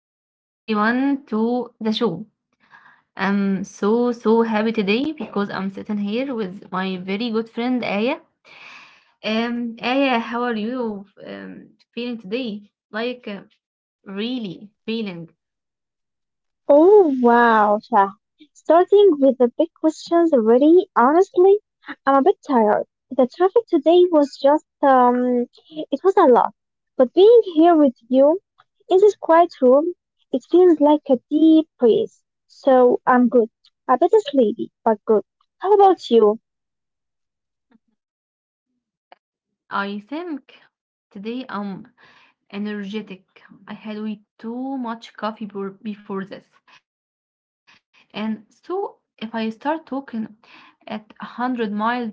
Welcome back everyone to the show. I'm so happy today because I'm sitting here with my very good friend Aya. Aya, how are you feeling today? Like really feeling? Oh wow, Shah. Starting with the big questions already, honestly, I'm a bit tired. The traffic today was just, it was a lot. But being here with you in this quiet room, it feels like a deep breeze. So I'm good. A bit sleepy, but good. How about you? I think today I'm energetic. I had way too much coffee before this, and so if I start talking at 100 miles an hour.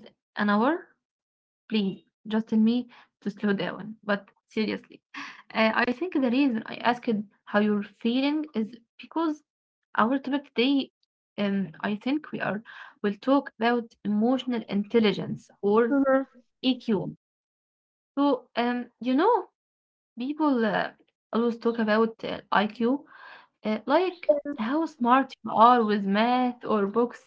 Please just tell me to slow down. But seriously, I think the reason I asked how you're feeling is because our topic today, I think we are will talk about emotional intelligence or Mm-hmm. EQ. So, people always talk about IQ, like how smart you are with math or books,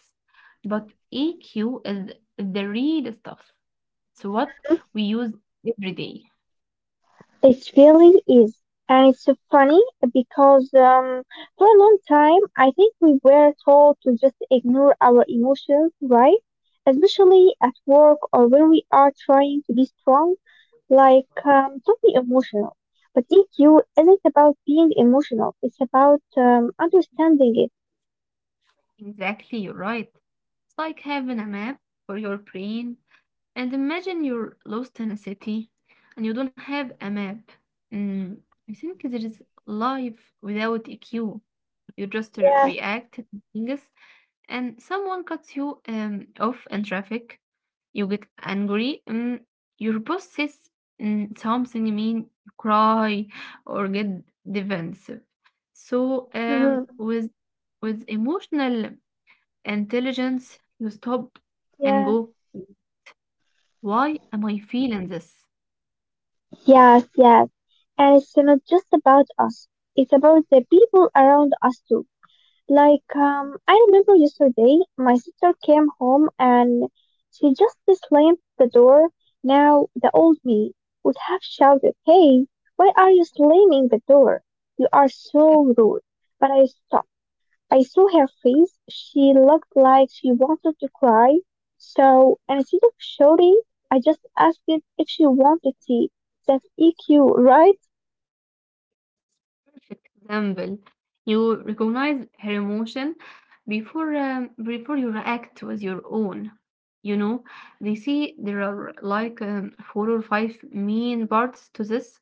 but EQ is the real stuff, it's what Yeah. we use every day. It really is. And it's so funny because for a long time, I think we were told to just ignore our emotions, right? Especially at work or when we are trying to be strong, like don't be emotional. But DQ isn't about being emotional, it's about understanding it. Exactly, you're right. It's like having a map for your brain. And imagine you're lost in a city and you don't have a map. Mm, I think there is life without EQ. You just Yes, react to things, and someone cuts you off in traffic. You get angry. Mm, your boss says something mean. You cry or get defensive. So um, mhm, with with emotional intelligence, you stop and yes, go, why am I feeling this? yes, yes. And it's not just about us, it's about the people around us too. Like, I remember yesterday my sister came home and she just slammed the door. Now, the old me would have shouted, Hey, why are you slamming the door? You are so rude. But I stopped. I saw her face. She looked like she wanted to cry. So instead of shouting, I just asked if she wanted tea. That's EQ, right? Perfect example, you recognize her emotion before you react with your own. You know, they see there are like four or five main parts to this,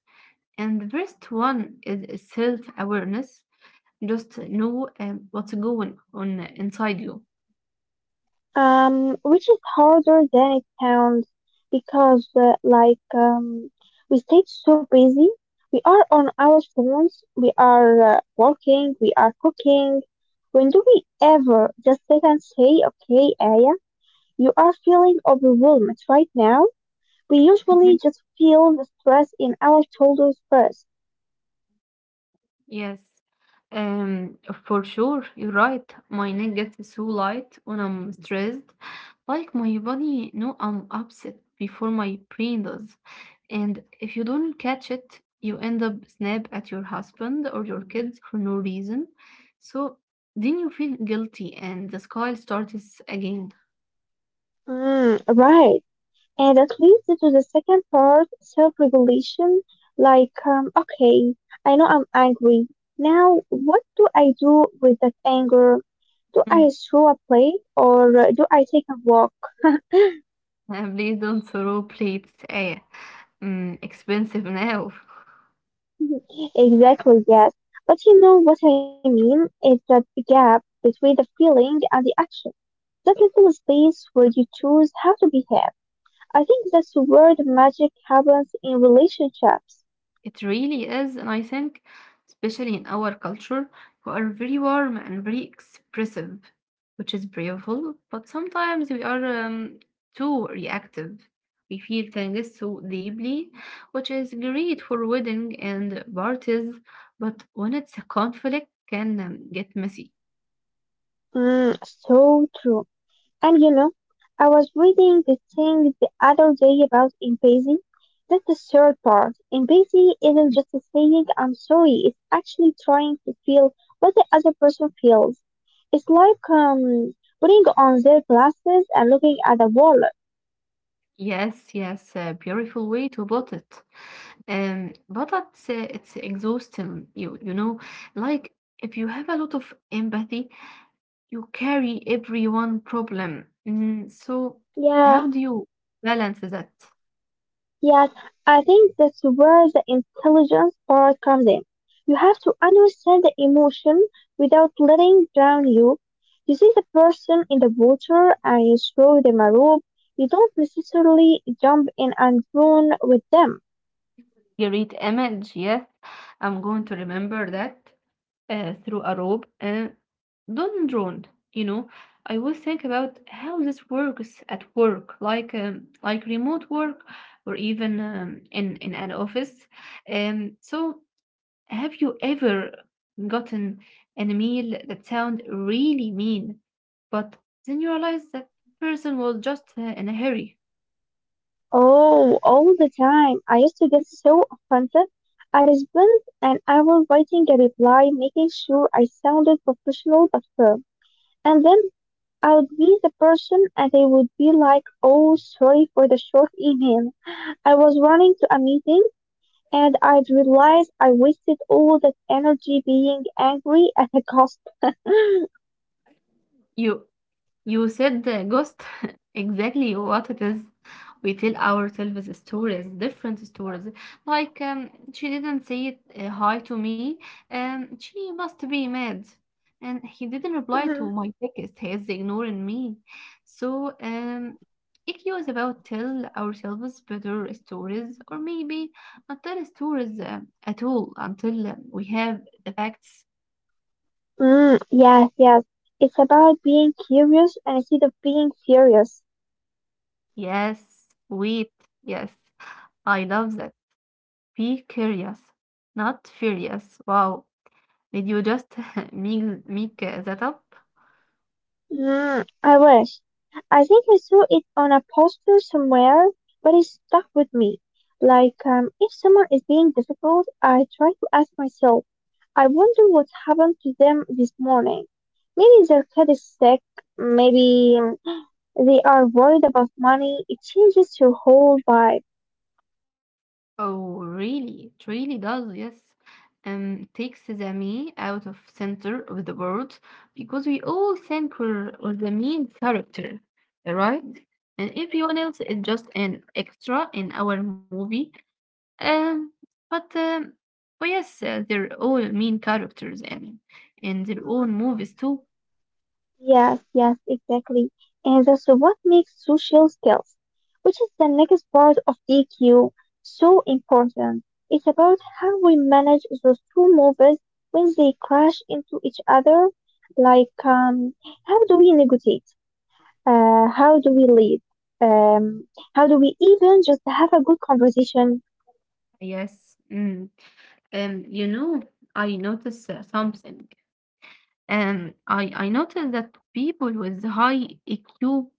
and the first one is self awareness. Just know what's going on inside you. Which is harder than it sounds because, like, we stay so busy. We are on our phones, we are working, we are cooking. When do we ever just sit and say, okay, Aya, you are feeling overwhelmed right now? We Mhm. usually just feel the stress in our shoulders first. Yes. Um, for sure, you're right. My neck gets so light when I'm stressed. Like my body know I'm upset before my brain does. And if you don't catch it, you end up snap at your husband or your kids for no reason. So then you feel guilty and the sky starts again. Mm, right. And that leads to the second part, self-regulation. Like, okay, I know I'm angry. Now, what do I do with that anger? Do I throw a plate or do I take a walk? Mm. Please don't throw plates. Eh, mm, expensive now. Exactly, yes. But you know what I mean? It's that gap between the feeling and the action. That little space where you choose how to behave. I think that's where the magic happens in relationships. It really is, and I think, especially in our culture, we are very warm and very expressive, which is beautiful, but sometimes we are too reactive. We feel things so deeply, which is great for wedding and parties, but when it's a conflict, can get messy. Mm, so true. And you know, I was reading this thing the other day about empathy. That's the third part. Empathy isn't just saying I'm sorry, it's actually trying to feel what the other person feels. It's like putting on their glasses and looking at the wall. Yes, yes, a beautiful way to put it. But it's exhausting, you know, like if you have a lot of empathy. You carry everyone problem. Mm, so Yeah. how do you balance that? Yes, I think that's where the intelligence part comes in. You have to understand the emotion without letting drown you. You see the person in the water and you throw them a rope. You don't necessarily jump in and drown with them. Great image, yes. I'm going to remember that, through a rope and don't drone. You know, I always think about how this works at work, like remote work or even in an office. Um, so Have you ever gotten an email that sound really mean, but then you realize that person was just in a hurry? Oh, all the time. I used to get so offended. I spent an hour writing a reply, making sure I sounded professional but firm. And then I'd be the person and they would be like, oh, sorry for the short email. I was running to a meeting and I'd realize I wasted all that energy being angry at the cost. You You said ghost exactly what it is. We tell ourselves stories, different stories. Like, she didn't say it, hi to me. She must be mad. And he didn't reply to Mhm. my text. He is ignoring me. So, EQ is about tell ourselves better stories, or maybe not tell stories at all until we have the facts. Mm, yes, yes. It's about being curious and instead of being furious. Yes, wait, yes. I love that. Be curious, not furious. Wow, did you just make that up? Mm, I wish. I think I saw it on a poster somewhere, but it stuck with me. Like, if someone is being difficult, I try to ask myself, I wonder what happened to them this morning. Maybe their kid is sick, maybe they are worried about money. It changes your whole vibe. Oh, really? It really does, yes. Takes the me out of center of the world because we all think we're the main character, right? And everyone else is just an extra in our movie. Um, but Oh yes, they're all main characters and in their own movies too. Yes, yes, exactly. And that's what makes social skills, which is the next part of EQ, so important. It's about how we manage those two movies when they crash into each other. Like, how do we negotiate? How do we lead? Um, how do we even just have a good conversation? Yes, mm. You know, I noticed something. I noticed that people with high EQ,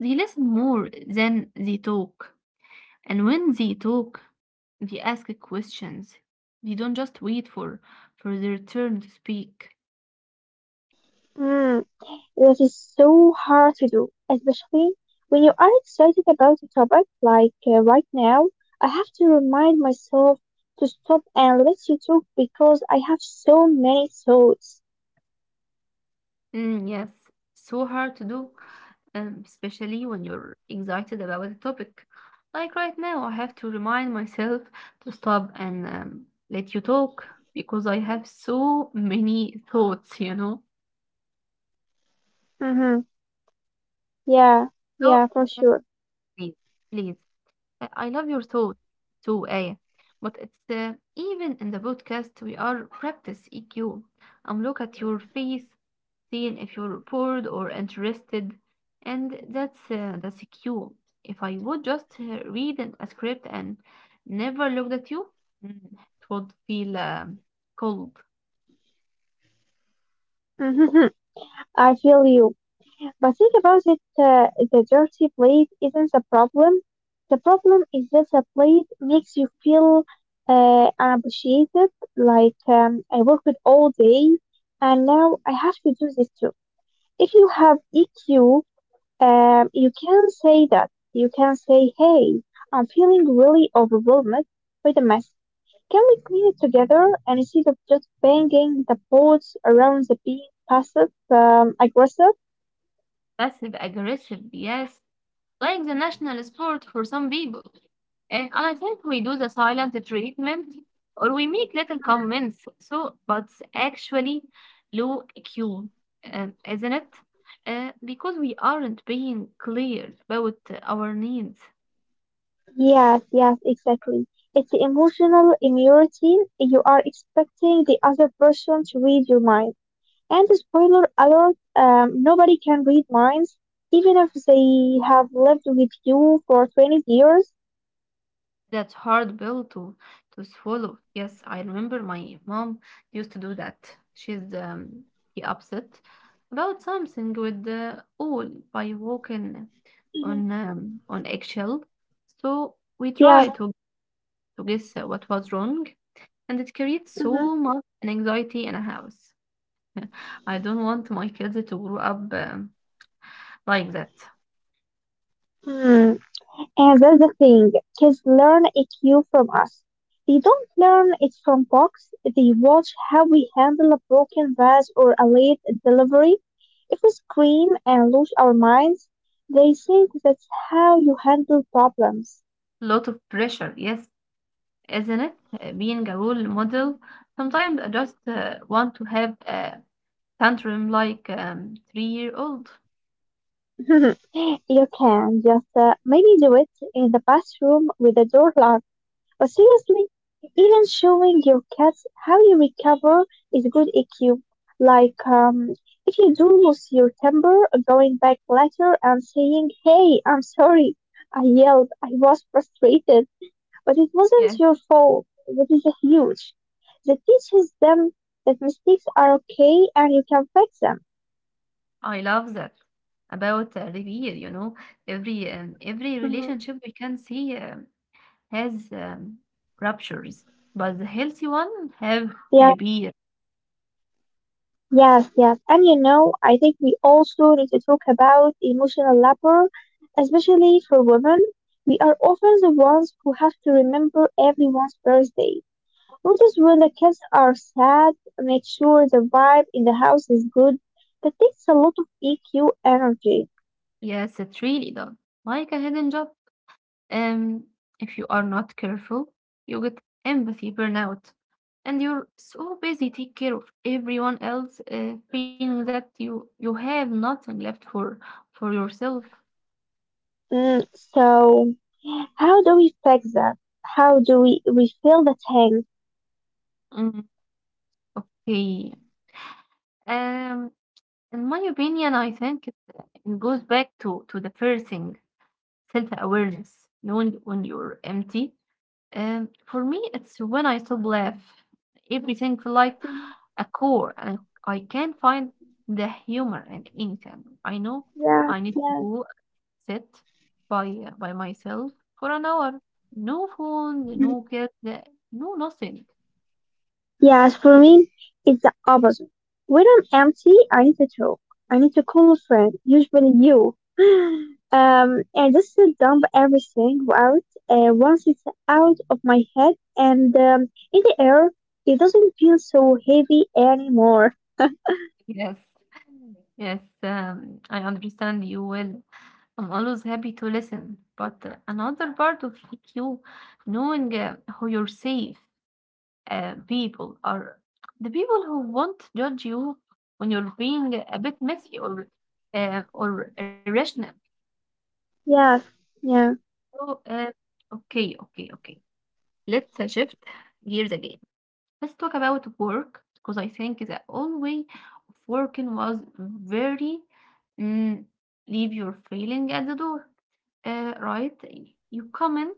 they listen more than they talk. And when they talk, they ask questions. They don't just wait for their turn to speak. Hmm. That is so hard to do, especially when you are excited about a topic like right now. I have to remind myself to stop and let you talk because I have so many thoughts. Mm, yes, so hard to do, especially when you're excited about a topic. Like right now, I have to remind myself to stop and let you talk because I have so many thoughts, you know. Mm-hmm. Yeah, So, yeah, for sure. please, please. I love your thought too, Aya. But it's even in the podcast we are practice EQ. I'm look at your face, seeing if you're bored or interested, and that's EQ. If I would just read a script and never looked at you, mm, it would feel cold, Mm-hmm. I feel you. But think about it, the dirty plate isn't the problem. The problem is that the plate makes you feel unappreciated, like I worked all day and now I have to do this too. If you have EQ, you can say that. You can say, hey, I'm feeling really overwhelmed with the mess. Can we clean it together? And instead of just banging the pots around the being passive aggressive, passive aggressive. Yes, like the national sport for some people. Eh, and I think we do the silent treatment or we make little comments. So, but it's actually low IQ, isn't it? Because we aren't being clear about our needs. yes, yes, exactly. It's the emotional immaturity. You are expecting the other person to read your mind. And spoiler alert, nobody can read minds, even if they have lived with you for 20 years. That's hard pill to swallow. Yes, I remember my mom used to do that. She's be upset about something with the all by walking Hmm. On eggshell. So we Yes. try to guess what was wrong, and it creates Mm-hmm. so much anxiety in a house. I don't want my kids to grow up. Like that. And that's the thing, kids learn EQ from us. They don't learn it from books. They watch how we handle a broken vase or a late delivery. If we scream and lose our minds, they think that's how you handle problems. Lot of pressure, yes, isn't it? Being a role model, sometimes I just want to have a tantrum like three-year-old. You can just maybe do it in the bathroom with the door. But seriously, even showing your cats how you recover is good EQ. Like, if you do lose your temper, going back later and saying, Hey, I'm sorry. I yelled. I was frustrated, but it Yes, wasn't your fault. That is a huge. That teaches them that mistakes are okay and you can fix them. I love that about reveal. You know, every Mhm. relationship we can see has ruptures, but the healthy one Yeah. have repair. Yes, yes. And you know, I think we also need to talk about emotional labor, especially for women. We are often the ones who have to remember everyone's birthday. Notice when the kids are sad, make sure the vibe in the house is good. That takes a lot of EQ energy. Yes, it really does. Like a hidden job. Um, if you are not careful, you get empathy burnout, and you're so busy taking care of everyone else, feeling that you have nothing left for yourself. Mm, so, how do we fix that? How do we refill the tank? Mm, okay. Um, in my opinion, I think it goes back to the first thing, self-awareness, knowing when you're empty. For me, it's when I stop laugh. Everything like Mhm. a core. I can find the humor in anything. I know Yeah, I need to yeah. go sit by myself for an hour. No phone, Mm-hmm. no kids, no nothing. Yes, for me, it's the opposite. When I'm empty, I need to talk. I need to call a friend, usually you. And just to dump everything out. Once it's out of my head and in the air, it doesn't feel so heavy anymore. Yes, yes. I understand you well. I'm always happy to listen. But another part of you, knowing who you're safe people are the people who won't judge you when you're being a bit messy or irrational. Yes, yeah, So, okay. Let's shift gears again. Let's talk about work because I think the old way of working was very mm, leave your feeling at the door. Right? You come in,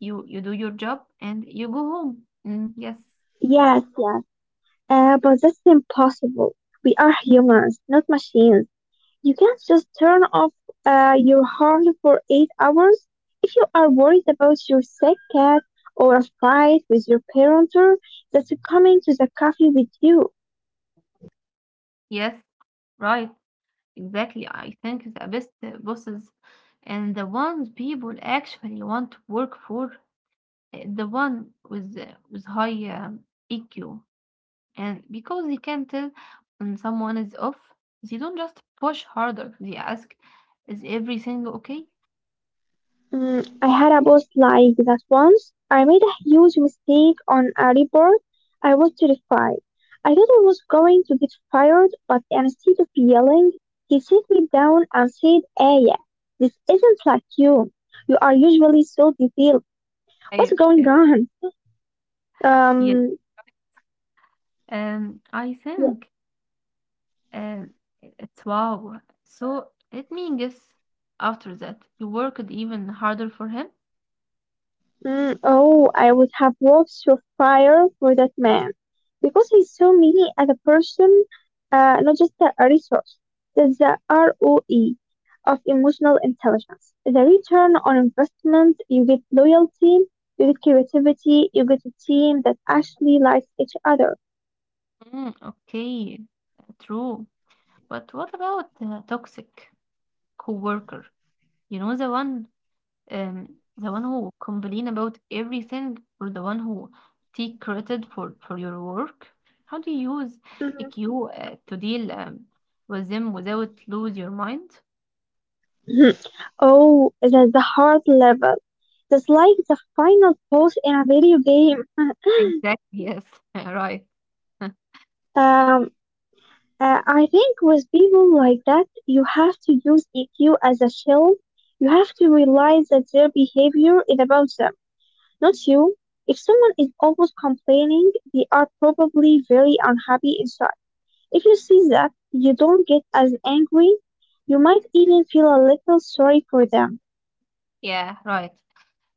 you do your job, and you go home. Mm, yes, yes, yes. But that's impossible. We are humans, not machines. You can not just turn off your heart for 8 hours. If you are worried about your sick cat or a fight with your parent or that's coming to the coffee with you. yes, right. Exactly. I think the best bosses and the ones people actually want to work for, the one with high EQ. And because they can tell when someone is off, they don't just push harder. They ask, "Is everything okay?" Mm, I had a boss like that once. I made a huge mistake on a report. I was terrified. I thought I was going to get fired, but instead of yelling, he sat me down and said, Aya, this isn't like you. You are usually so detailed. I What's going It, on? yes. Um, Um, I yeah. think um, it's wow. So let me guess. After that, you worked even harder for him. Mm, oh, I would have walked through fire for that man because he saw me as a person, not just a resource. That's the ROE of emotional intelligence. The return on investment, you get loyalty, you get creativity, you get a team that actually likes each other. Mm, okay, true. But what about the toxic coworker? You know, um, the one who complain about everything, or the one who take credit for your work. How do you use Mhm. EQ to deal with them without lose your mind? Mhm. Oh, that's the heart level. That's like the final boss in a video game. Exactly. Yes. Right. Um, I think with people like that, you have to use EQ as a shield. You have to realize that their behavior is about them, not you. If someone is always complaining, they are probably very unhappy inside. If you see that, you don't get as angry. You might even feel a little sorry for them. Yeah. Right.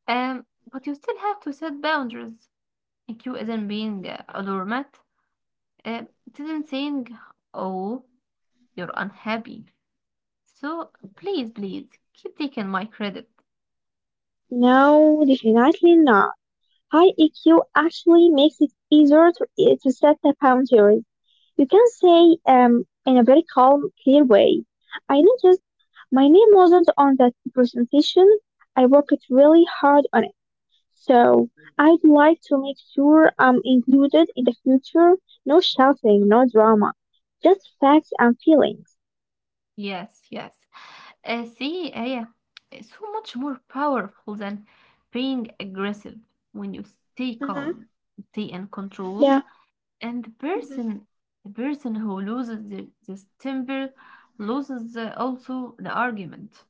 Um, but you still have to set boundaries. EQ isn't being a doormat. It isn't saying, "Oh, you're unhappy." So please, please keep taking my credit. No, definitely not. High EQ actually makes it easier to, to set the boundaries. You can say in a very calm, clear way, I noticed my name wasn't on that presentation. I worked really hard on it. So I'd like to make sure I'm included in the future. No shouting, no drama, just facts and feelings. Yes, yes. See, Aya, it's so much more powerful than being aggressive when you stay Mm-hmm. calm, stay in control, Yeah. and Hmm. The person who loses this temper loses also the argument.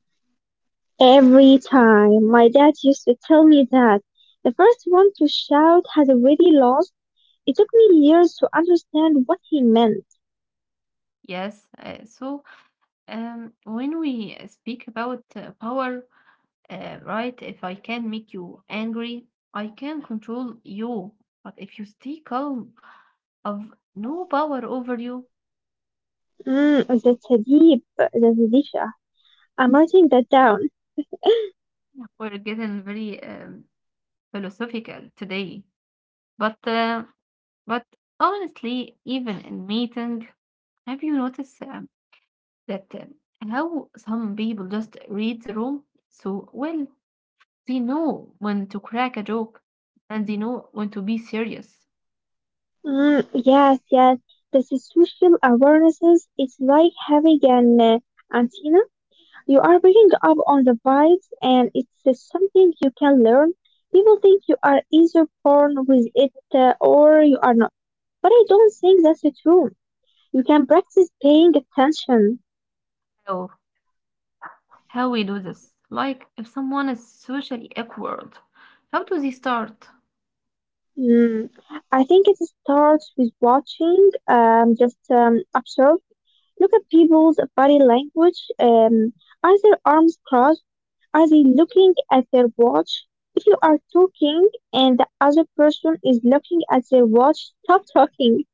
Every time my dad used to tell me that the first one to shout had already lost, it took me years to understand what he meant. Yes, when we speak about power, right, if I can make you angry, I can control you. But if you stay calm, I've no power over you. Mm, that's a deep, that's a Disha. I'm writing that down. We're getting very philosophical today. But but honestly, even in meeting, have you noticed that how some people just read the room so well? They know when to crack a joke, and they know when to be serious. Mm, yes, yes. The social awarenesses is like having an antenna. You are picking up on the vibes, and it's something you can learn. People think you are either born with it or you are not, but I don't think that's true. You can practice paying attention. So, how we do this? Like, if someone is socially awkward, how do they start? Mm. I think it starts with watching, just observe. Look at people's body language. Are their arms crossed? Are they looking at their watch? If you are talking and the other person is looking at their watch, stop talking.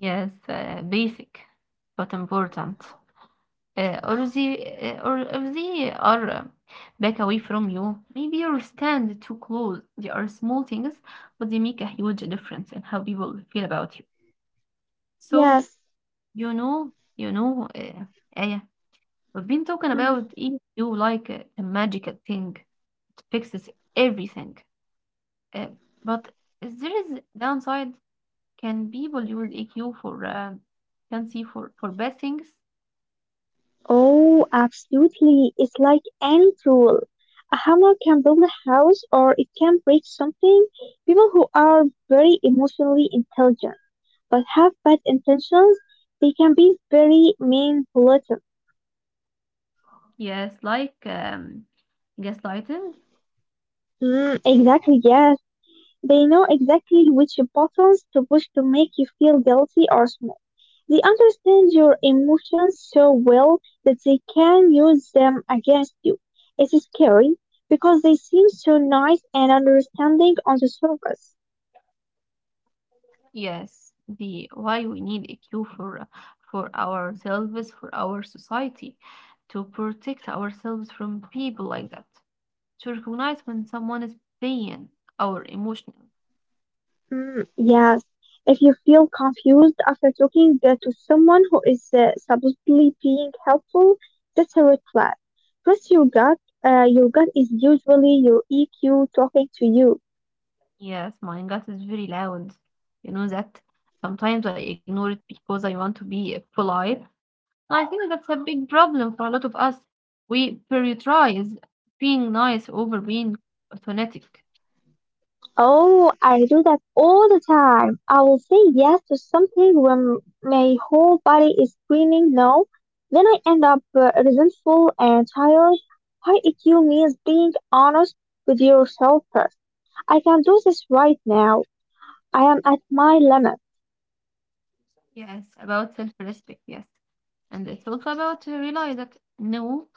Yes, basic, but important. Or or if they are back away from you, maybe you stand too close. They are small things, but they make a huge difference in how people feel about you. So, Yes. you know, you know, uh, Aya, we've been talking Mhm. about EQ like a magical thing. It fixes everything. Uh, but is there is downside? Can people your EQ for can see for bad things? Oh, absolutely. It's like any tool. A hammer can build a house or it can break something. People who are very emotionally intelligent but have bad intentions, they can be very manipulative. Yes, like gaslighting. Mm, exactly, yes. They know exactly which buttons to push to make you feel guilty or small. They understand your emotions so well that they can use them against you. It's scary because they seem so nice and understanding on the surface. Yes, the why we need EQ for ourselves, for our society, to protect ourselves from people like that. To recognize when someone is playing our emotional. Mm, yes, if you feel confused after talking to someone who is supposedly being helpful, that's a red flag. Trust your gut. Your gut is usually your EQ talking to you. Yes, my gut is very loud. You know that sometimes I ignore it because I want to be polite. I think that's a big problem for a lot of us. We prioritize being nice over being authentic. Oh, I do that all the time. I will say yes to something when my whole body is screaming no. Then I end up resentful and tired. High EQ means being honest with yourself first. I can't do this right now. I am at my limit. Yes, about self respect, yes. And it's also about to realize that no,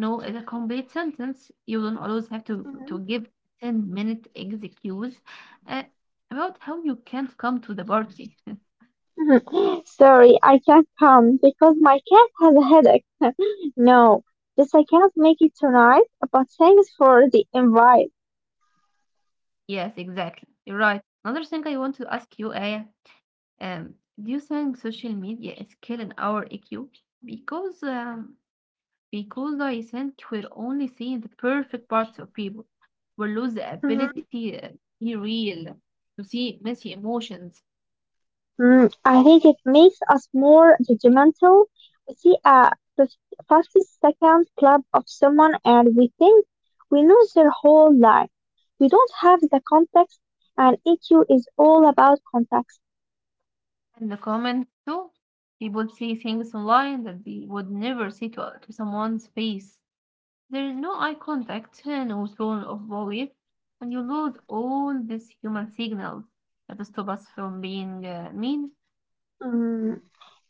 no is a complete sentence. You don't always have to Mhm, give 10-minute excuse, uh, about how you can't come to the party. mhm. Sorry, I can't come because my cat has a headache. No, this I cannot make it tonight, but thanks for the invite. Yes, exactly. You're right. Another thing I want to ask you, Aya. um, do you think social media is killing our EQ? Because um, because I think we're only seeing the perfect parts of people. We lose the ability to be real, to see messy emotions Mm, I think it makes us more judgmental. We see a 50-second clip of someone and we think we know their whole life. We don't have the context, and EQ is all about context. and the comments too. People see things online that they would never see to someone's face. There is no eye contact, no tone of voice, and you lose all these human signals that stop us from being mean. Mm,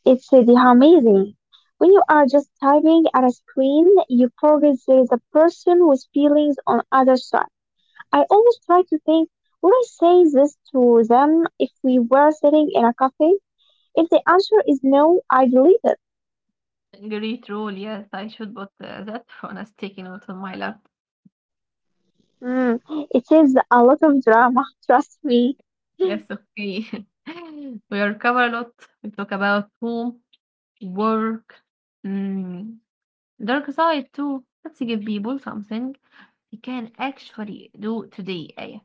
it's the amazing. When you are just typing at a screen, you forget there is a person with feelings on other side. I always try to think, would I say this to them if we were sitting in a cafe? If the answer is no, I delete it. Great rule, yes, I should put that on a sticky note on my laptop. Mm, it is a lot of drama, trust me. Yes, okay. We are cover a lot. We talk about home, work, mm, dark side too. Let's give people something they can actually do today. Eh?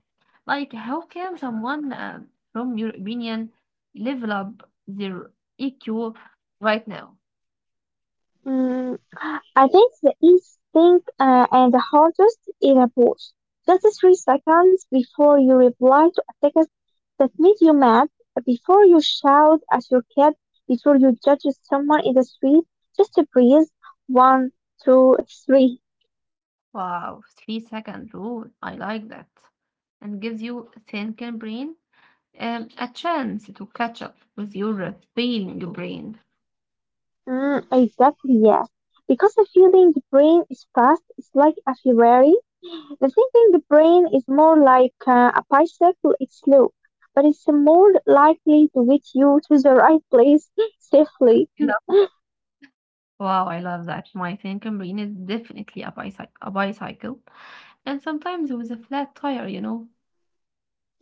Like, how can Mhm, someone, from your opinion, level up their EQ right now? mm. I think the easiest thing and the hardest is a pause. Just three seconds before you reply to a text that made you mad, before you shout at your kid, before you judge someone in the street, just breathe. One, two, three. Wow, 3 second rule. I like that. And gives you thinking brain, a chance to catch up with your feeling brain. Mm, exactly, yes. Because the feeling brain is fast, it's like a Ferrari. The thinking brain is more like a bicycle, it's slow, but it's more likely to get you to the right place safely. Wow, I love that. My thinking brain is definitely a bicycle, and sometimes with a flat tire, you know,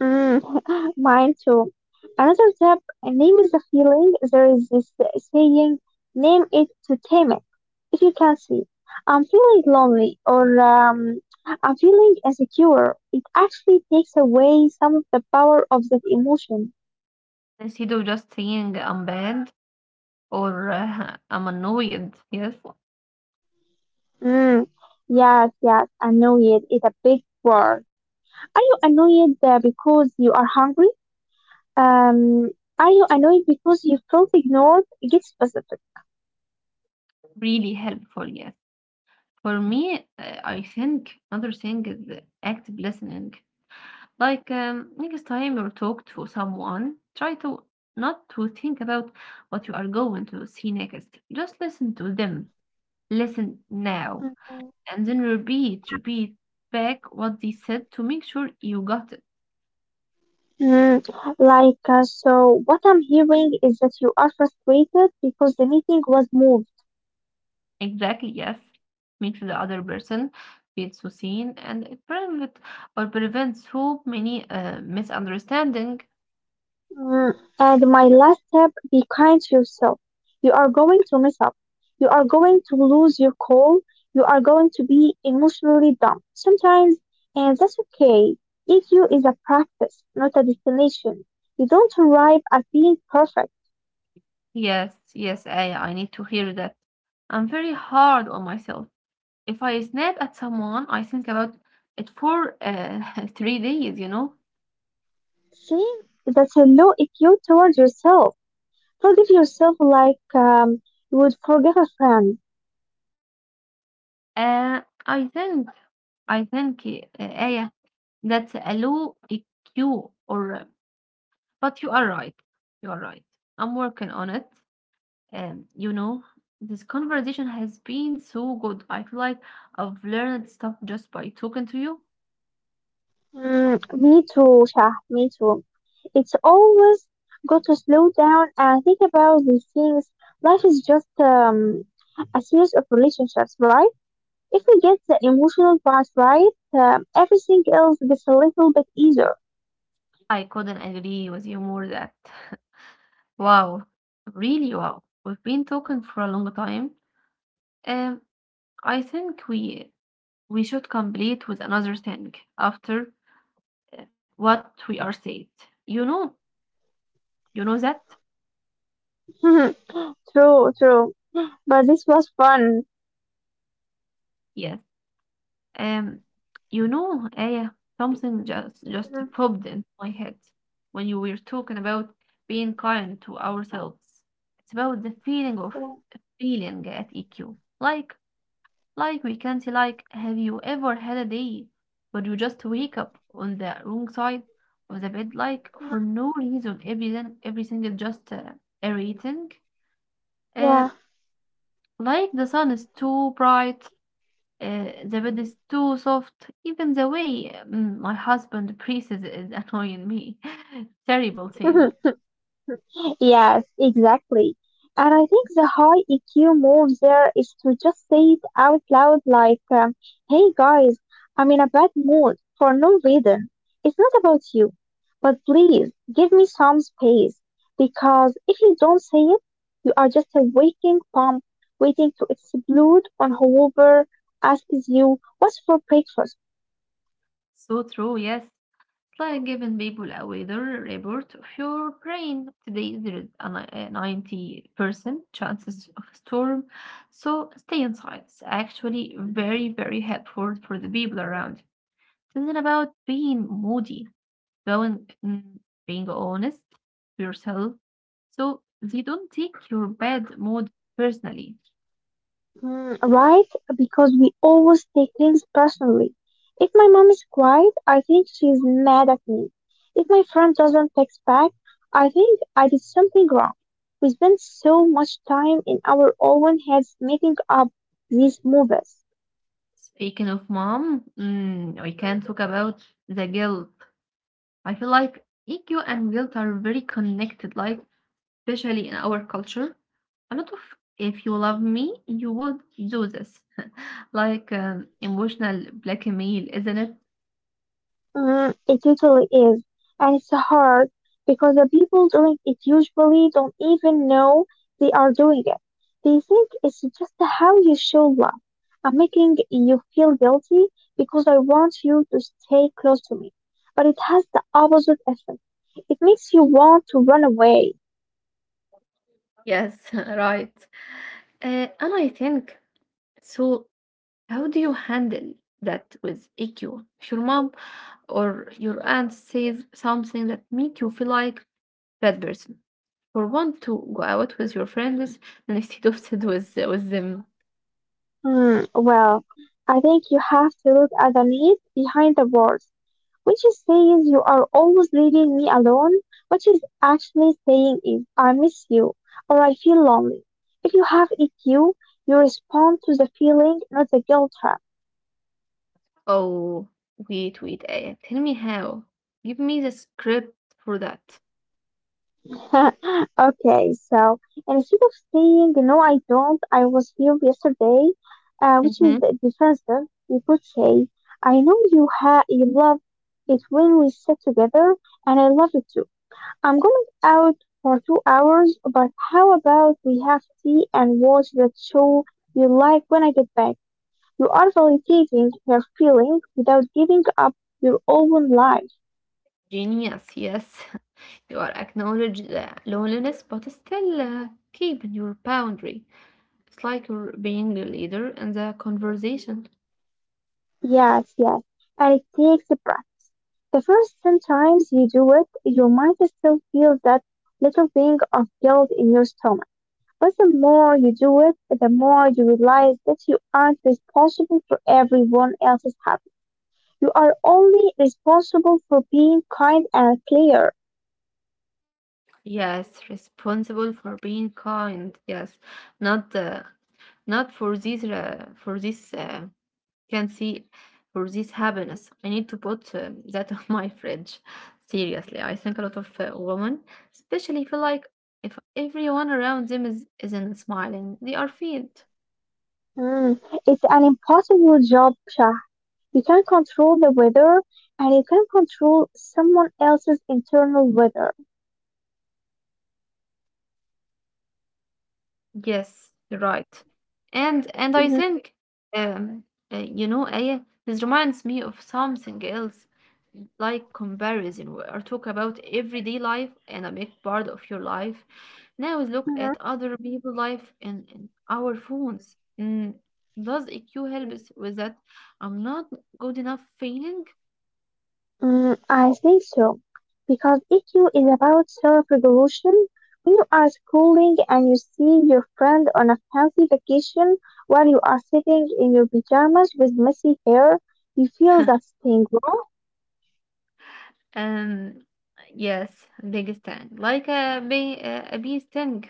Mm, mine too. Another tip, name is the feeling. There is this saying, name it to tame it. If you can see, I'm feeling lonely or I'm feeling insecure. It actually takes away some of the power of that emotion. instead of just saying I'm bad or I'm annoyed. Yes, Mm, yes, yes, annoyed is a big word. Are you annoyed because you are hungry? Um, are you annoyed because you felt ignored? Get specific. really helpful. Yes, for me, I think another thing is active listening. Like, next time you talk to someone, try to not to think about what you are going to see next. Just listen to them. Listen now Mm-hmm. and then repeat, Yeah. repeat back what they said to make sure you got it. Mm, like, so what I'm hearing is that you are frustrated because the meeting was moved. Exactly, yes. Makes the other person feel so seen and it prevent or prevents so many misunderstanding. Mm, and my last step, be kind to yourself. You are going to mess up. You are going to lose your call. You are going to be emotionally dumb sometimes, and that's okay. EQ is a practice, not a destination. You don't arrive at being perfect. Yes, yes, I need to hear that. I'm very hard on myself. If I snap at someone, I think about it for 3 days, you know. See, that's a low EQ towards yourself. Forgive yourself like, you would forgive a friend. I think I think, Aya, that's a low EQ or But you are right. You are right. I'm working on it. And you know, this conversation has been so good. I feel like I've learned stuff just by talking to you. Mm, me too, Shah, me too. It's always good to slow down and think about these things. Life is just a series of relationships, right? If we get the emotional part right, everything else gets a little bit easier. I couldn't agree with you more that. Wow. Really wow. We've been talking for a long time. Um I think we should complete with another thing after, what we are said. You know, you know that? True, true. But this was fun. Yes. Um, you know, Aya, something just Mhm. popped into my head when you were talking about being kind to ourselves. It's about the feeling of feeling at EQ. Like, like we can say, like, have you ever had a day where you just wake up on the wrong side of the bed, like for no reason, everything is just irritating. Uh, Yeah. like the sun is too bright, the bed is too soft. Even the way my husband breathes is annoying me. Terrible thing. Yes, exactly. And I think the high EQ move there is to just say it out loud like, hey guys, I'm in a bad mood for no reason. It's not about you. But please give me some space because if you don't say it, you are just a waking bomb waiting to explode on whoever asks you what's for breakfast. So true, yes. It's like giving people a weather report of your brain. Today there is a a 90% chances of a storm, so stay inside. It's actually very, very helpful for the people around. It's not about being moody. Going, mm, being honest to yourself so they don't take your bad mood personally. Mm, right? Because we always take things personally. If my mom is quiet, I think she's mad at me. If my friend doesn't text back, I think I did something wrong. We spend so much time in our own heads making up these movies. Speaking of mom, we can talk about the guilt. I feel like EQ and guilt are very connected. Like especially in our culture, a lot of if you love me, you would do this. Like, emotional blackmail, isn't it? Mm, it usually is, and it's hard because the people doing it usually don't even know they are doing it. They think it's just how you show love. I'm making you feel guilty because I want you to stay close to me. But it has the opposite effect. It makes you want to run away. Yes, right. And I think so. How do you handle that with EQ? If your mom or your aunt says something that make you feel like bad person, or want to go out with your friends and if you don't sit with them. Hmm, well, I think you have to look at the need behind the words. What you say is says you are always leaving me alone. What she's actually saying is I miss you or I feel lonely. If you have EQ, you respond to the feeling, not the guilt trap. Oh, wait, wait. Eh, tell me how. Give me the script for that. Okay, so instead of saying no, I don't, I was here yesterday, which is Hmm. defensive, you could say I know you love it when we sit together, and I love it I'm going out for two hours, but how about we have tea and watch that show you like when I get back? You are validating her feelings without giving up your own life. Genius, yes. You are acknowledged the loneliness, but still keeping your boundary. It's like you're being the leader in the conversation. Yes, yes. And it takes a breath. The first 10 times you do it, you might still feel that little thing of guilt in your stomach. But the more you do it, the more you realize that you aren't responsible for everyone else's happiness. You are only responsible for being kind and clear. Yes, responsible for being kind. Yes, not not for this for this. Can see for this happiness. I need to put that on my fridge. Seriously, I think a lot of women, especially, feel like if everyone around them is isn't smiling, they are failed. Hmm, it's an impossible job, Shah. You can't control the weather, and you can control someone else's internal weather. Yes, right. And I Mhm, think um you know, Aya, this reminds me of something else, like comparison. We are talking about everyday life and a big part of your life. Now look at mhm. other people' life and our phones. Does EQ help us with that? I'm not good enough feeling. Mm, I think so. Because EQ is about self-regulation. When you are schooling and you see your friend on a fancy vacation while you are sitting in your pajamas with messy hair, you feel that sting, right? Um, yes, biggest thing, like a big, a bee sting.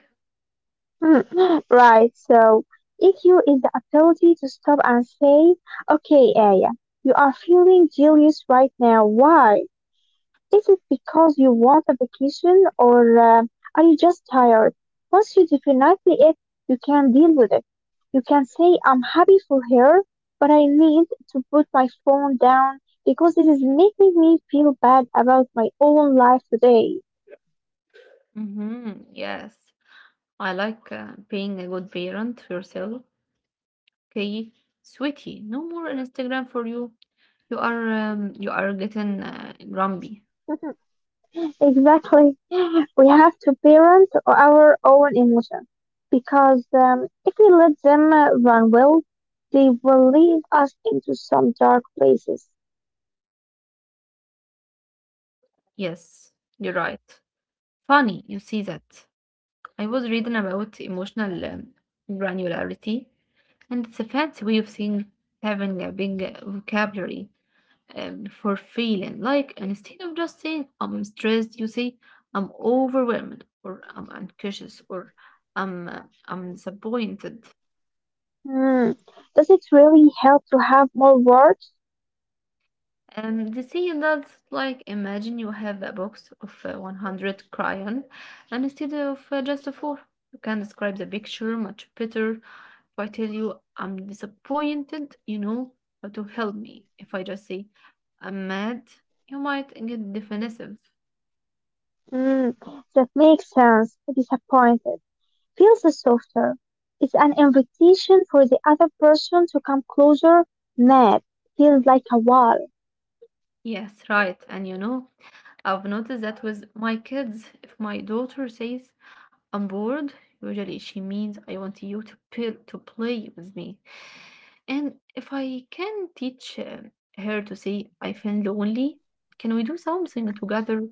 Hmm, right, so EQ is the ability to stop and say, okay, Aya, you are feeling jealous right now. Why? Is it because you want a vacation or are you just tired? Once you define it, you can deal with it. You can say, I'm happy for her, but I need to put my phone down because it is making me feel bad about my own life today. Mm-hmm, yes. I like being a good parent to yourself. Okay, sweetie, no more Instagram for you. You are getting grumpy. Exactly. We have to parent our own emotions because if we let them run wild, they will lead us into some dark places. Yes, you're right. Funny, you see that. I was reading about emotional, granularity, and it's a fancy way of saying having a big vocabulary, for feeling. Like instead of just saying I'm stressed, you say I'm overwhelmed, or I'm anxious, or I'm disappointed. Hmm. Yes. Does it really help to have more words? And the sea adults, like, imagine you have a box of 100 crayon and instead of just four. You can describe the picture much better. If I tell you I'm disappointed, you know how to help me. If I just say I'm mad, you might get defensive. Hmm. That makes sense. Disappointed feels softer. It's an invitation for the other person to come closer. Mad feels like a wall. Yes, right. And you know, I've noticed that with my kids, if my daughter says I'm bored, usually she means I want you to, to play with me. And if I can teach her to say, I feel lonely, can we do something together?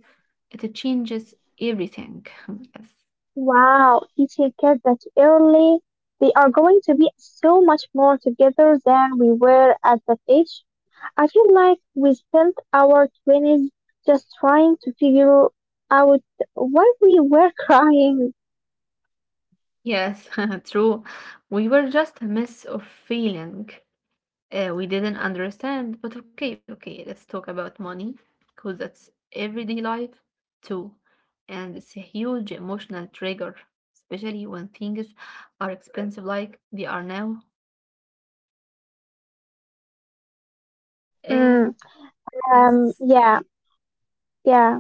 It changes everything. Wow, teaching kids that early, they are going to be so much more together than we were at that age. I feel like we spent our 20s just trying to figure out why we were crying. Yes. Yes, true. We were just a mess of feeling. We didn't understand, but okay, let's talk about money because that's everyday life too. And it's a huge emotional trigger, especially when things are expensive like they are now. Mm, Um, yes. yeah, yeah.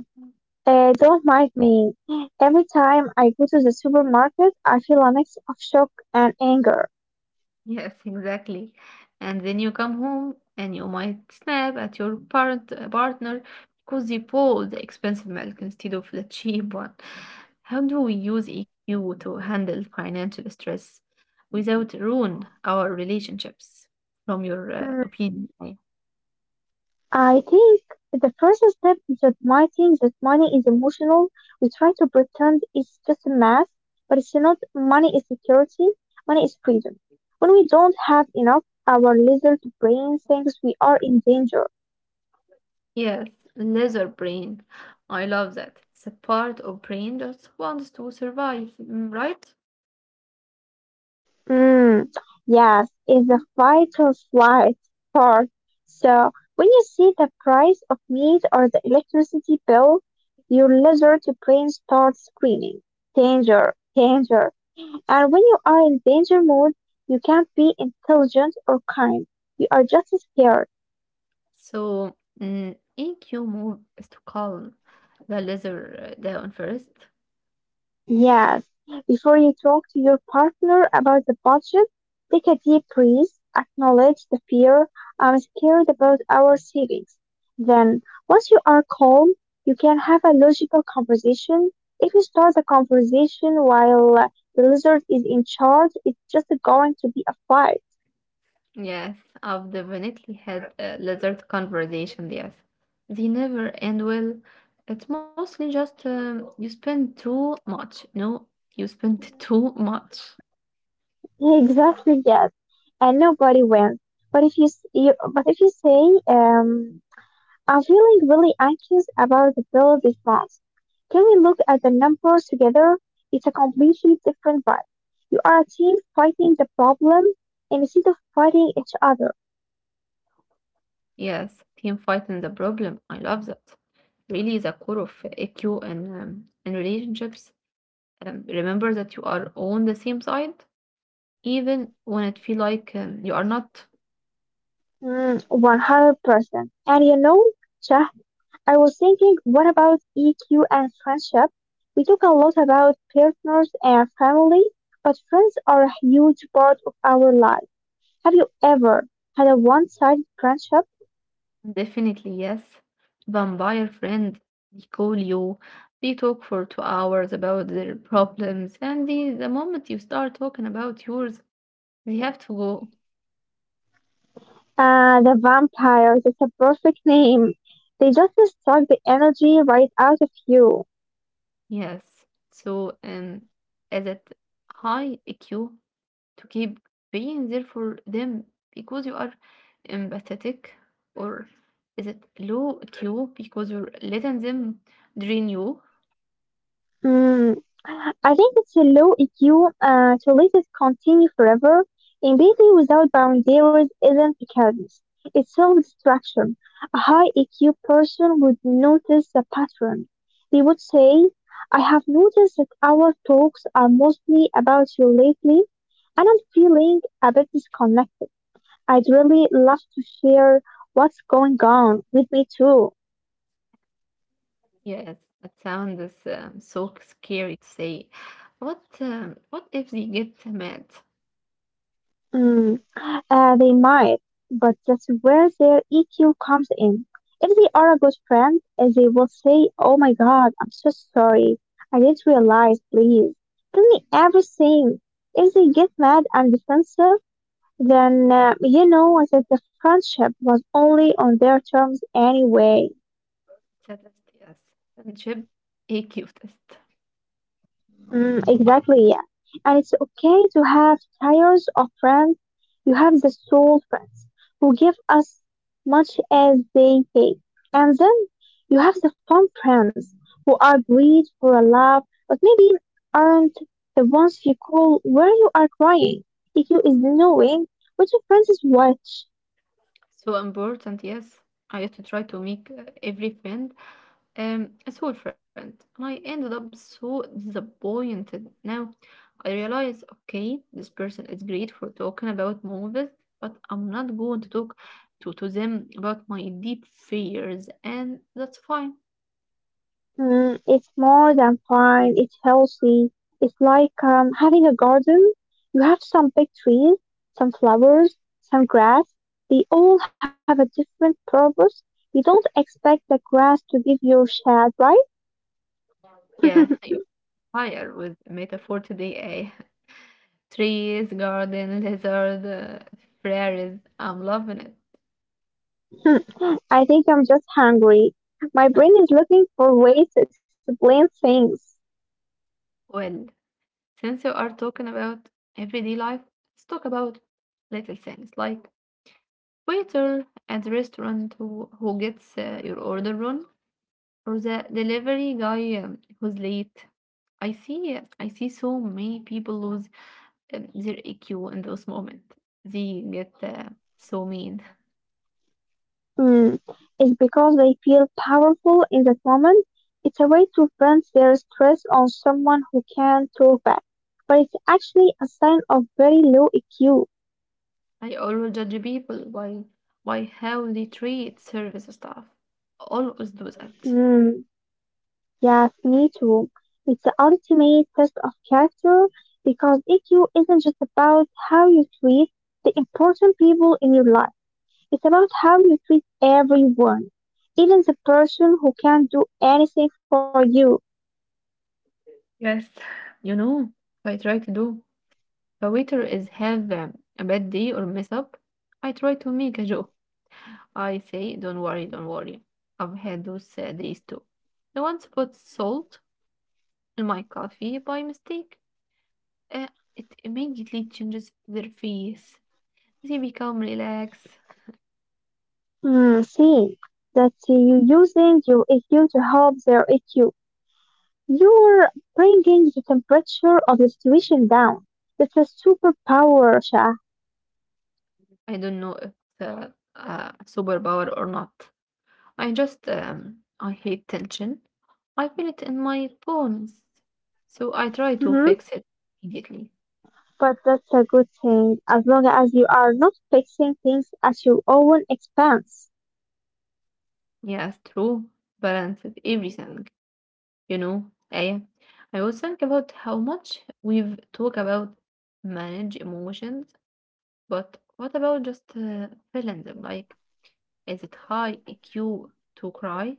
Don't mind me. Every time I go to the supermarket, I feel a mix of shock and anger. Yes, exactly. And then you come home and you might snap at your parent partner because they bought the expensive milk instead of the cheap one. How do we use EQ to handle financial stress without ruin our relationships? From your Mm. opinion, I think the first step is admitting that money is emotional. We try to pretend it's just a math, but it's not. Money is security. Money is freedom. When we don't have enough, our lizard brain thinks we are in danger. yes, laser brain. I love that. It's a part of brain that wants to survive, right? Mm, yes, it's the fight or flight part. So when you see the price of meat or the electricity bill, your lizard brain starts screaming, danger, danger. And when you are in danger mode, you can't be intelligent or kind. You are just scared. So, A Q move is to calm the lizard down first. Yes. Before you talk to your partner about the budget, take a deep breath, acknowledge the fear. I'm scared about our savings. Then, once you are calm, you can have a logical conversation. If you start the conversation while the lizard is in charge, it's just going to be a fight. Yes, I've definitely had a lizard conversation, yes. They never end well. It's mostly just you spend too much. No, you spend too much. Exactly, yes, and nobody wins. But if you say, I'm feeling really anxious about the bill this month. Can we look at the numbers together? It's a completely different vibe. You are a team fighting the problem instead of fighting each other. Yes, team fighting the problem. I love that. Really, the core of EQ and in relationships. Remember that you are on the same side, even when it feel like you are not. Mm, 100%. And you know, I was thinking, what about EQ and friendship? We talk a lot about partners and family, but friends are a huge part of our life. Have you ever had a one-sided friendship? Definitely, yes. Vampire friend, they call you, they talk for 2 hours about their problems, and the moment you start talking about yours, they have to go. Ah, the vampire, that's a perfect name. They just suck the energy right out of you. Yes. So, is it high EQ to keep being there for them because you are empathetic, or is it low EQ because you're letting them drain you? Mm, I think it's a low EQ to let it continue forever. Empathy without boundaries isn't kindness; it's self-destruction. A high EQ person would notice the pattern. They would say, "I have noticed that our talks are mostly about you lately, and I'm feeling a bit disconnected. I'd really love to share what's going on with me too." Yes, that sounds so scary to say. What if they get mad? It's Mm, they might, but that's where their EQ comes in. If they are a good friend, they will say, oh my God, I'm so sorry. I didn't realize, please. Tell me everything. If they get mad and defensive, then you know that the friendship was only on their terms anyway. a test, yes. Friendship AQ test. Mm, exactly, yeah. And it's okay to have tires of friends. You have the soul friends who give us much as they take. And then you have the fun friends who are breed for a love, but maybe aren't the ones you call where you are crying. If you is knowing which friends is which. So important, yes. I used to try to make every friend, a soul friend. And I ended up so disappointed. Now I realize, okay, this person is great for talking about movies, but I'm not going to talk to them about my deep fears, and that's fine. Mm, it's more than fine. It's healthy. It's like having a garden. You have some big trees, some flowers, some grass. They all have a different purpose. You don't expect the grass to give you shade, right? Yeah, fire with a metaphor today. Eh? Trees, garden, lizard, prairies. I'm loving it. I think I'm just hungry. My Huh. brain is looking for ways to explain things. Well, since you are talking about everyday life, let's talk about little things like waiter at the restaurant who gets your order wrong or the delivery guy, who's late. I see so many people lose their EQ in those moments. They get so mean. Hmm. It's because they feel powerful in that moment. It's a way to vent their stress on someone who can talk back. But it's actually a sign of very low EQ. I always judge people by how they treat service staff. Always do that. Hmm. Yes, me too. It's the ultimate test of character because EQ isn't just about how you treat the important people in your life. It's about how you treat everyone, even the person who can't do anything for you. Yes. You know, I try to do. The waiter is have a bad day or mess up. I try to make a joke. I say, "Don't worry, don't worry. I've had those days too." I once put salt in my coffee by mistake. Uh, it immediately changes their face. They become relaxed. Hmm, see, that you using your EQ to help their EQ. You're bringing the temperature of the situation down. That's a superpower, Shah. I don't know if it's a superpower or not. I just, I hate tension. I feel it in my bones. So I try to Hmm. fix it immediately. But that's a good thing, as long as you are not fixing things at your own expense. Yes, true. Balance of everything, you know. I, I was think about how much we've talked about manage emotions, but what about just feeling them? Like, is it high IQ to cry?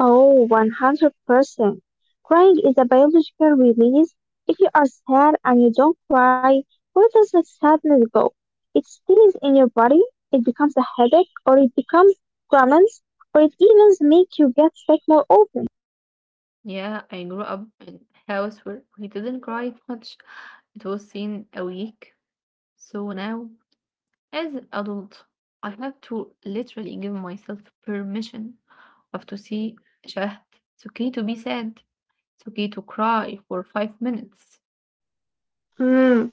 Oh, 100%. Crying is a biological release. If you are sad and you don't cry, where does the sadness go? It stays in your body, it becomes a headache, or it becomes cramps, or it even makes you get sick more often. Yeah, I grew up in a house where we didn't cry much. It was seen a week. So now, as an adult, I have to literally give myself permission. I have to see Shahd. It's okay to be sad. It's okay to cry for five minutes. Hmm.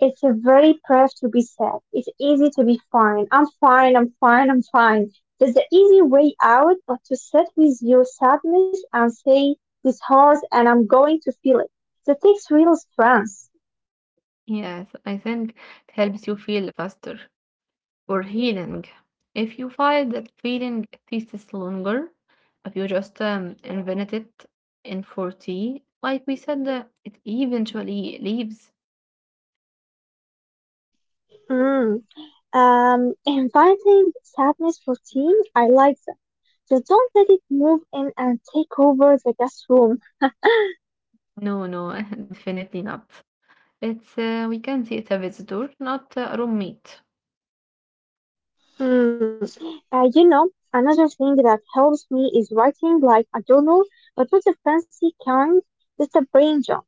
It's a very brave to be sad. It's easy to be fine. I'm fine, I'm fine, I'm fine. There's the easy way out, but to sit with your sadness and say, this hurts and I'm going to feel it. That takes real strength. Yes, I think it helps you feel faster or healing. If you find that feeling takes longer, if you just invent it in 40, like we said, it eventually leaves. Mm. Inviting sadness for tea, I like that. Just don't let it move in and take over the guest room. No, no, definitely not. It's we can see it's a visitor, not a roommate. Mm. Uh, you know, Another thing that helps me is writing like a journal, but not the fancy kind, just a brain job.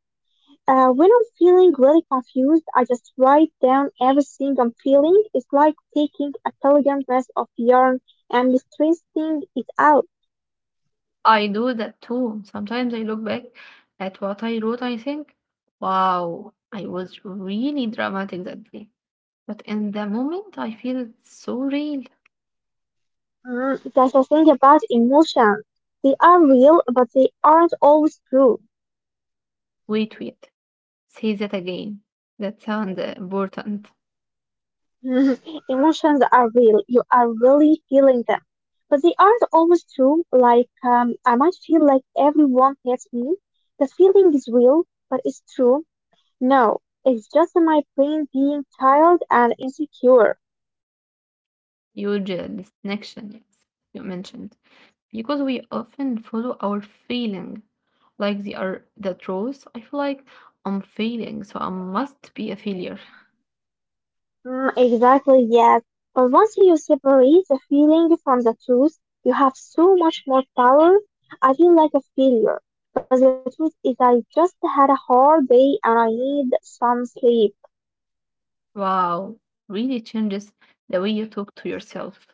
When I'm feeling really confused, I just write down everything I'm feeling. It's like taking a telegram mess of yarn and stressing it out. I do that too. Sometimes I look back at what I wrote, I think, wow, I was really dramatic that day. But in the moment, I feel so real. Mm, that's the thing about emotions. They are real, but they aren't always true. Wait, wait, say that again. That sounds important. Emotions are real. You are really feeling them. But they aren't always true. I might feel like everyone hates me. The feeling is real, but it's true. No, it's just my brain being tired and insecure. Huge disconnection, yes, you mentioned. Because we often follow our feeling like they are the truth. I feel like I'm failing, so I must be a failure. Mm, exactly, yes. But once you separate the feeling from the truth, you have so much more power. I feel like a failure. But the truth is I just had a hard day and I need some sleep. Wow, really changes the way you talk to yourself.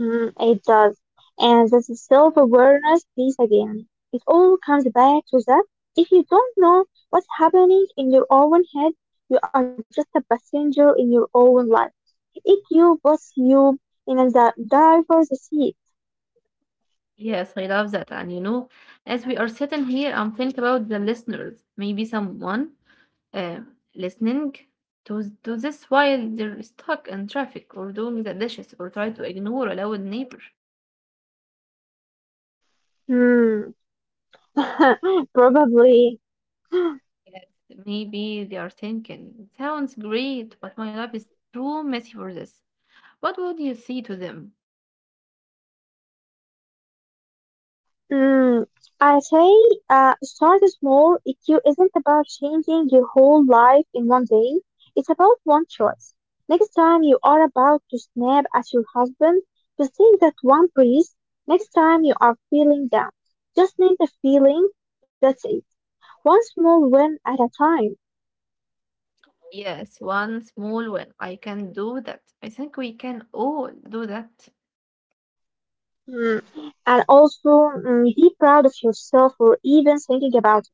Mm, it does. And that's a self-awareness piece again. It all comes back to that. If you don't know what's happening in your own head, you are just a passenger in your own life. It you puts you in the driver's seat. Yes, I love that. And you know, as we are sitting here, I'm thinking about the listeners. Maybe someone uh, listening to this while they're stuck in traffic or doing the dishes or try to ignore a loud neighbor. Hmm. Probably. Yes. Maybe they are thinking, sounds great, but my life is too messy for this. What would you say to them? Mm, I say, start small. EQ isn't about changing your whole life in one day. It's about one choice. Next time you are about to snap at your husband, just take that one breath. Next time you are feeling down, just name the feeling. That's it. One small win at a time. Yes, one small win. I can do that. I think we can all do that. Mm, and also, mm, be proud of yourself for even thinking about.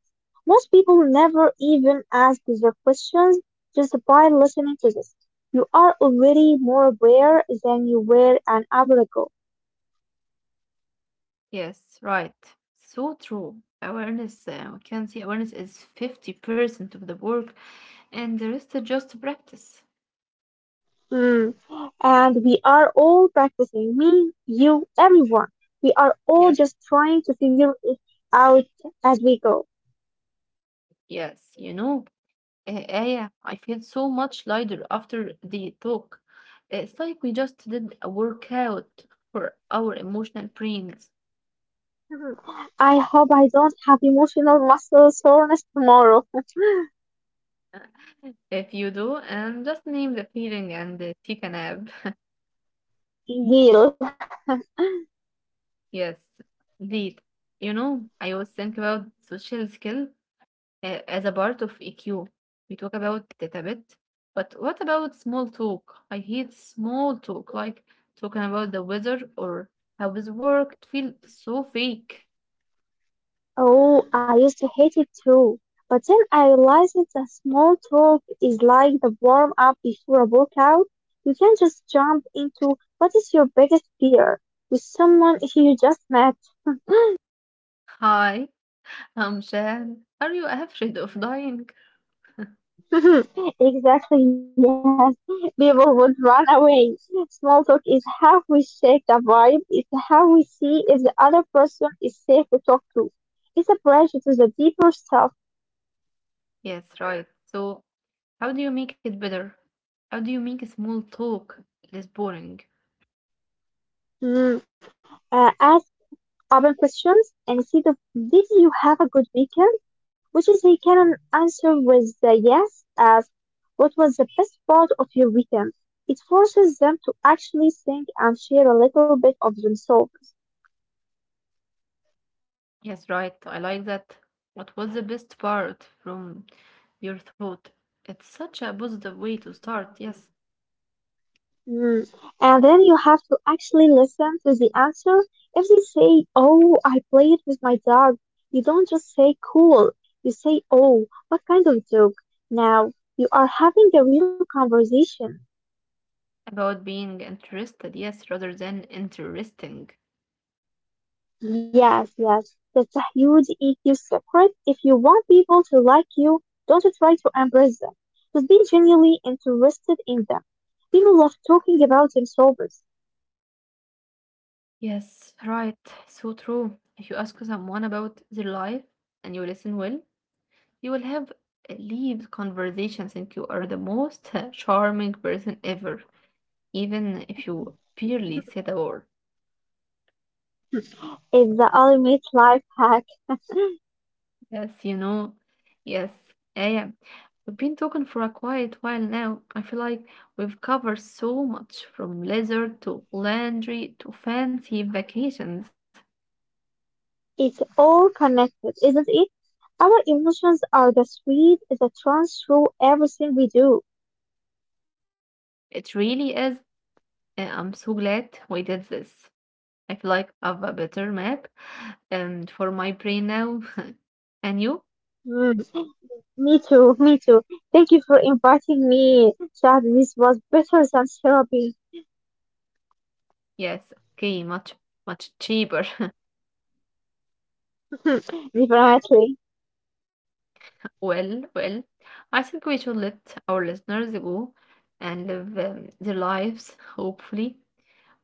Most people never even ask their questions just by listening to this. You are already more aware than you were an hour ago. Yes, right. So true. Awareness, we can see awareness is 50% of the work and the rest is just practice. Mm. And we are all practicing. Me, you, everyone. We are all Yes, just trying to figure it out as we go. yes. You know, Aya, I feel so much lighter after the talk. It's like we just did a workout for our emotional brains. Mhm. I hope I don't have emotional muscle soreness tomorrow. If you do, and just name the feeling and take a nap. Deal. Yes, indeed. You know, I always think about social skill as a part of EQ. We talk about it a bit, but what about small talk? I hate small talk, like talking about the weather or how is work. It feels so fake. Oh, I used to hate it too. But then I realized that the small talk is like the warm up before a workout. You can just jump into what is your biggest fear with someone you just met. Hi, I'm Shan. Are you afraid of dying? Exactly, yes. People would run away. Small talk is how we shake the vibe. It's how we see if the other person is safe to talk to. It's a bridge to the deeper stuff. Yes, right. So, how do you make it better? How do you make a small talk less boring? Mm. Uh, Open questions and see of did you have a good weekend, which is they can answer with the yes, ask what was the best part of your weekend. It forces them to actually think and share a little bit of themselves. Yes, right. I like that. What was the best part from your thought? It's such a positive way to start. Yes. Mm. And then you have to actually listen to the answer. If they say, oh, I played with my dog, you don't just say cool. You say, oh, what kind of dog? Now you are having a real conversation. About being interested, yes, rather than interesting. Yes, yes, that's a huge EQ secret. If you want people to like you, don't try to impress them. Just be genuinely interested in them. People love talking about themselves. Yes, right. So true. If you ask someone about their life and you listen well, you will have lived conversations and you are the most charming person ever, even if you barely said a word. It's the ultimate life hack. Yes, you know. Yes, yeah, yeah. We've been talking for a quiet while now. I feel like we've covered so much, from leisure to laundry to fancy vacations. It's all connected, isn't it? Our emotions are the thread that runs through everything we do. It really is. I'm so glad we did this. I feel like I have a better map and for my brain now. And you? Hmm. Me too, me too. Thank you for inviting me, Chad. This was better than therapy. Yes, okay, much cheaper. Definitely. Well, well, I think we should let our listeners go and live their lives, hopefully,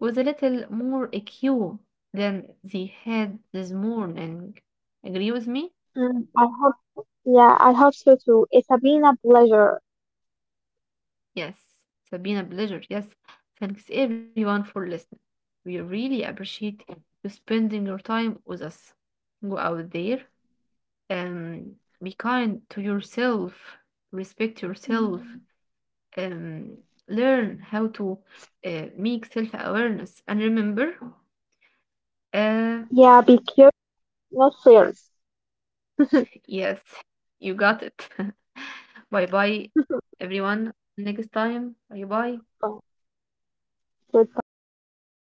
with a little more EQ than they had this morning. Agree with me? Mm, I hope, yeah, I hope so too. It's a been a pleasure. Yes, it has been a pleasure. Yes, thanks everyone for listening. We really appreciate you spending your time with us. Go out there and be kind to yourself, respect Mm, yourself, and learn how to make self awareness. And remember, uh, yeah, be curious, not fierce. yes, you got it. Bye bye, everyone. Next time, bye bye. Goodbye. Goodbye.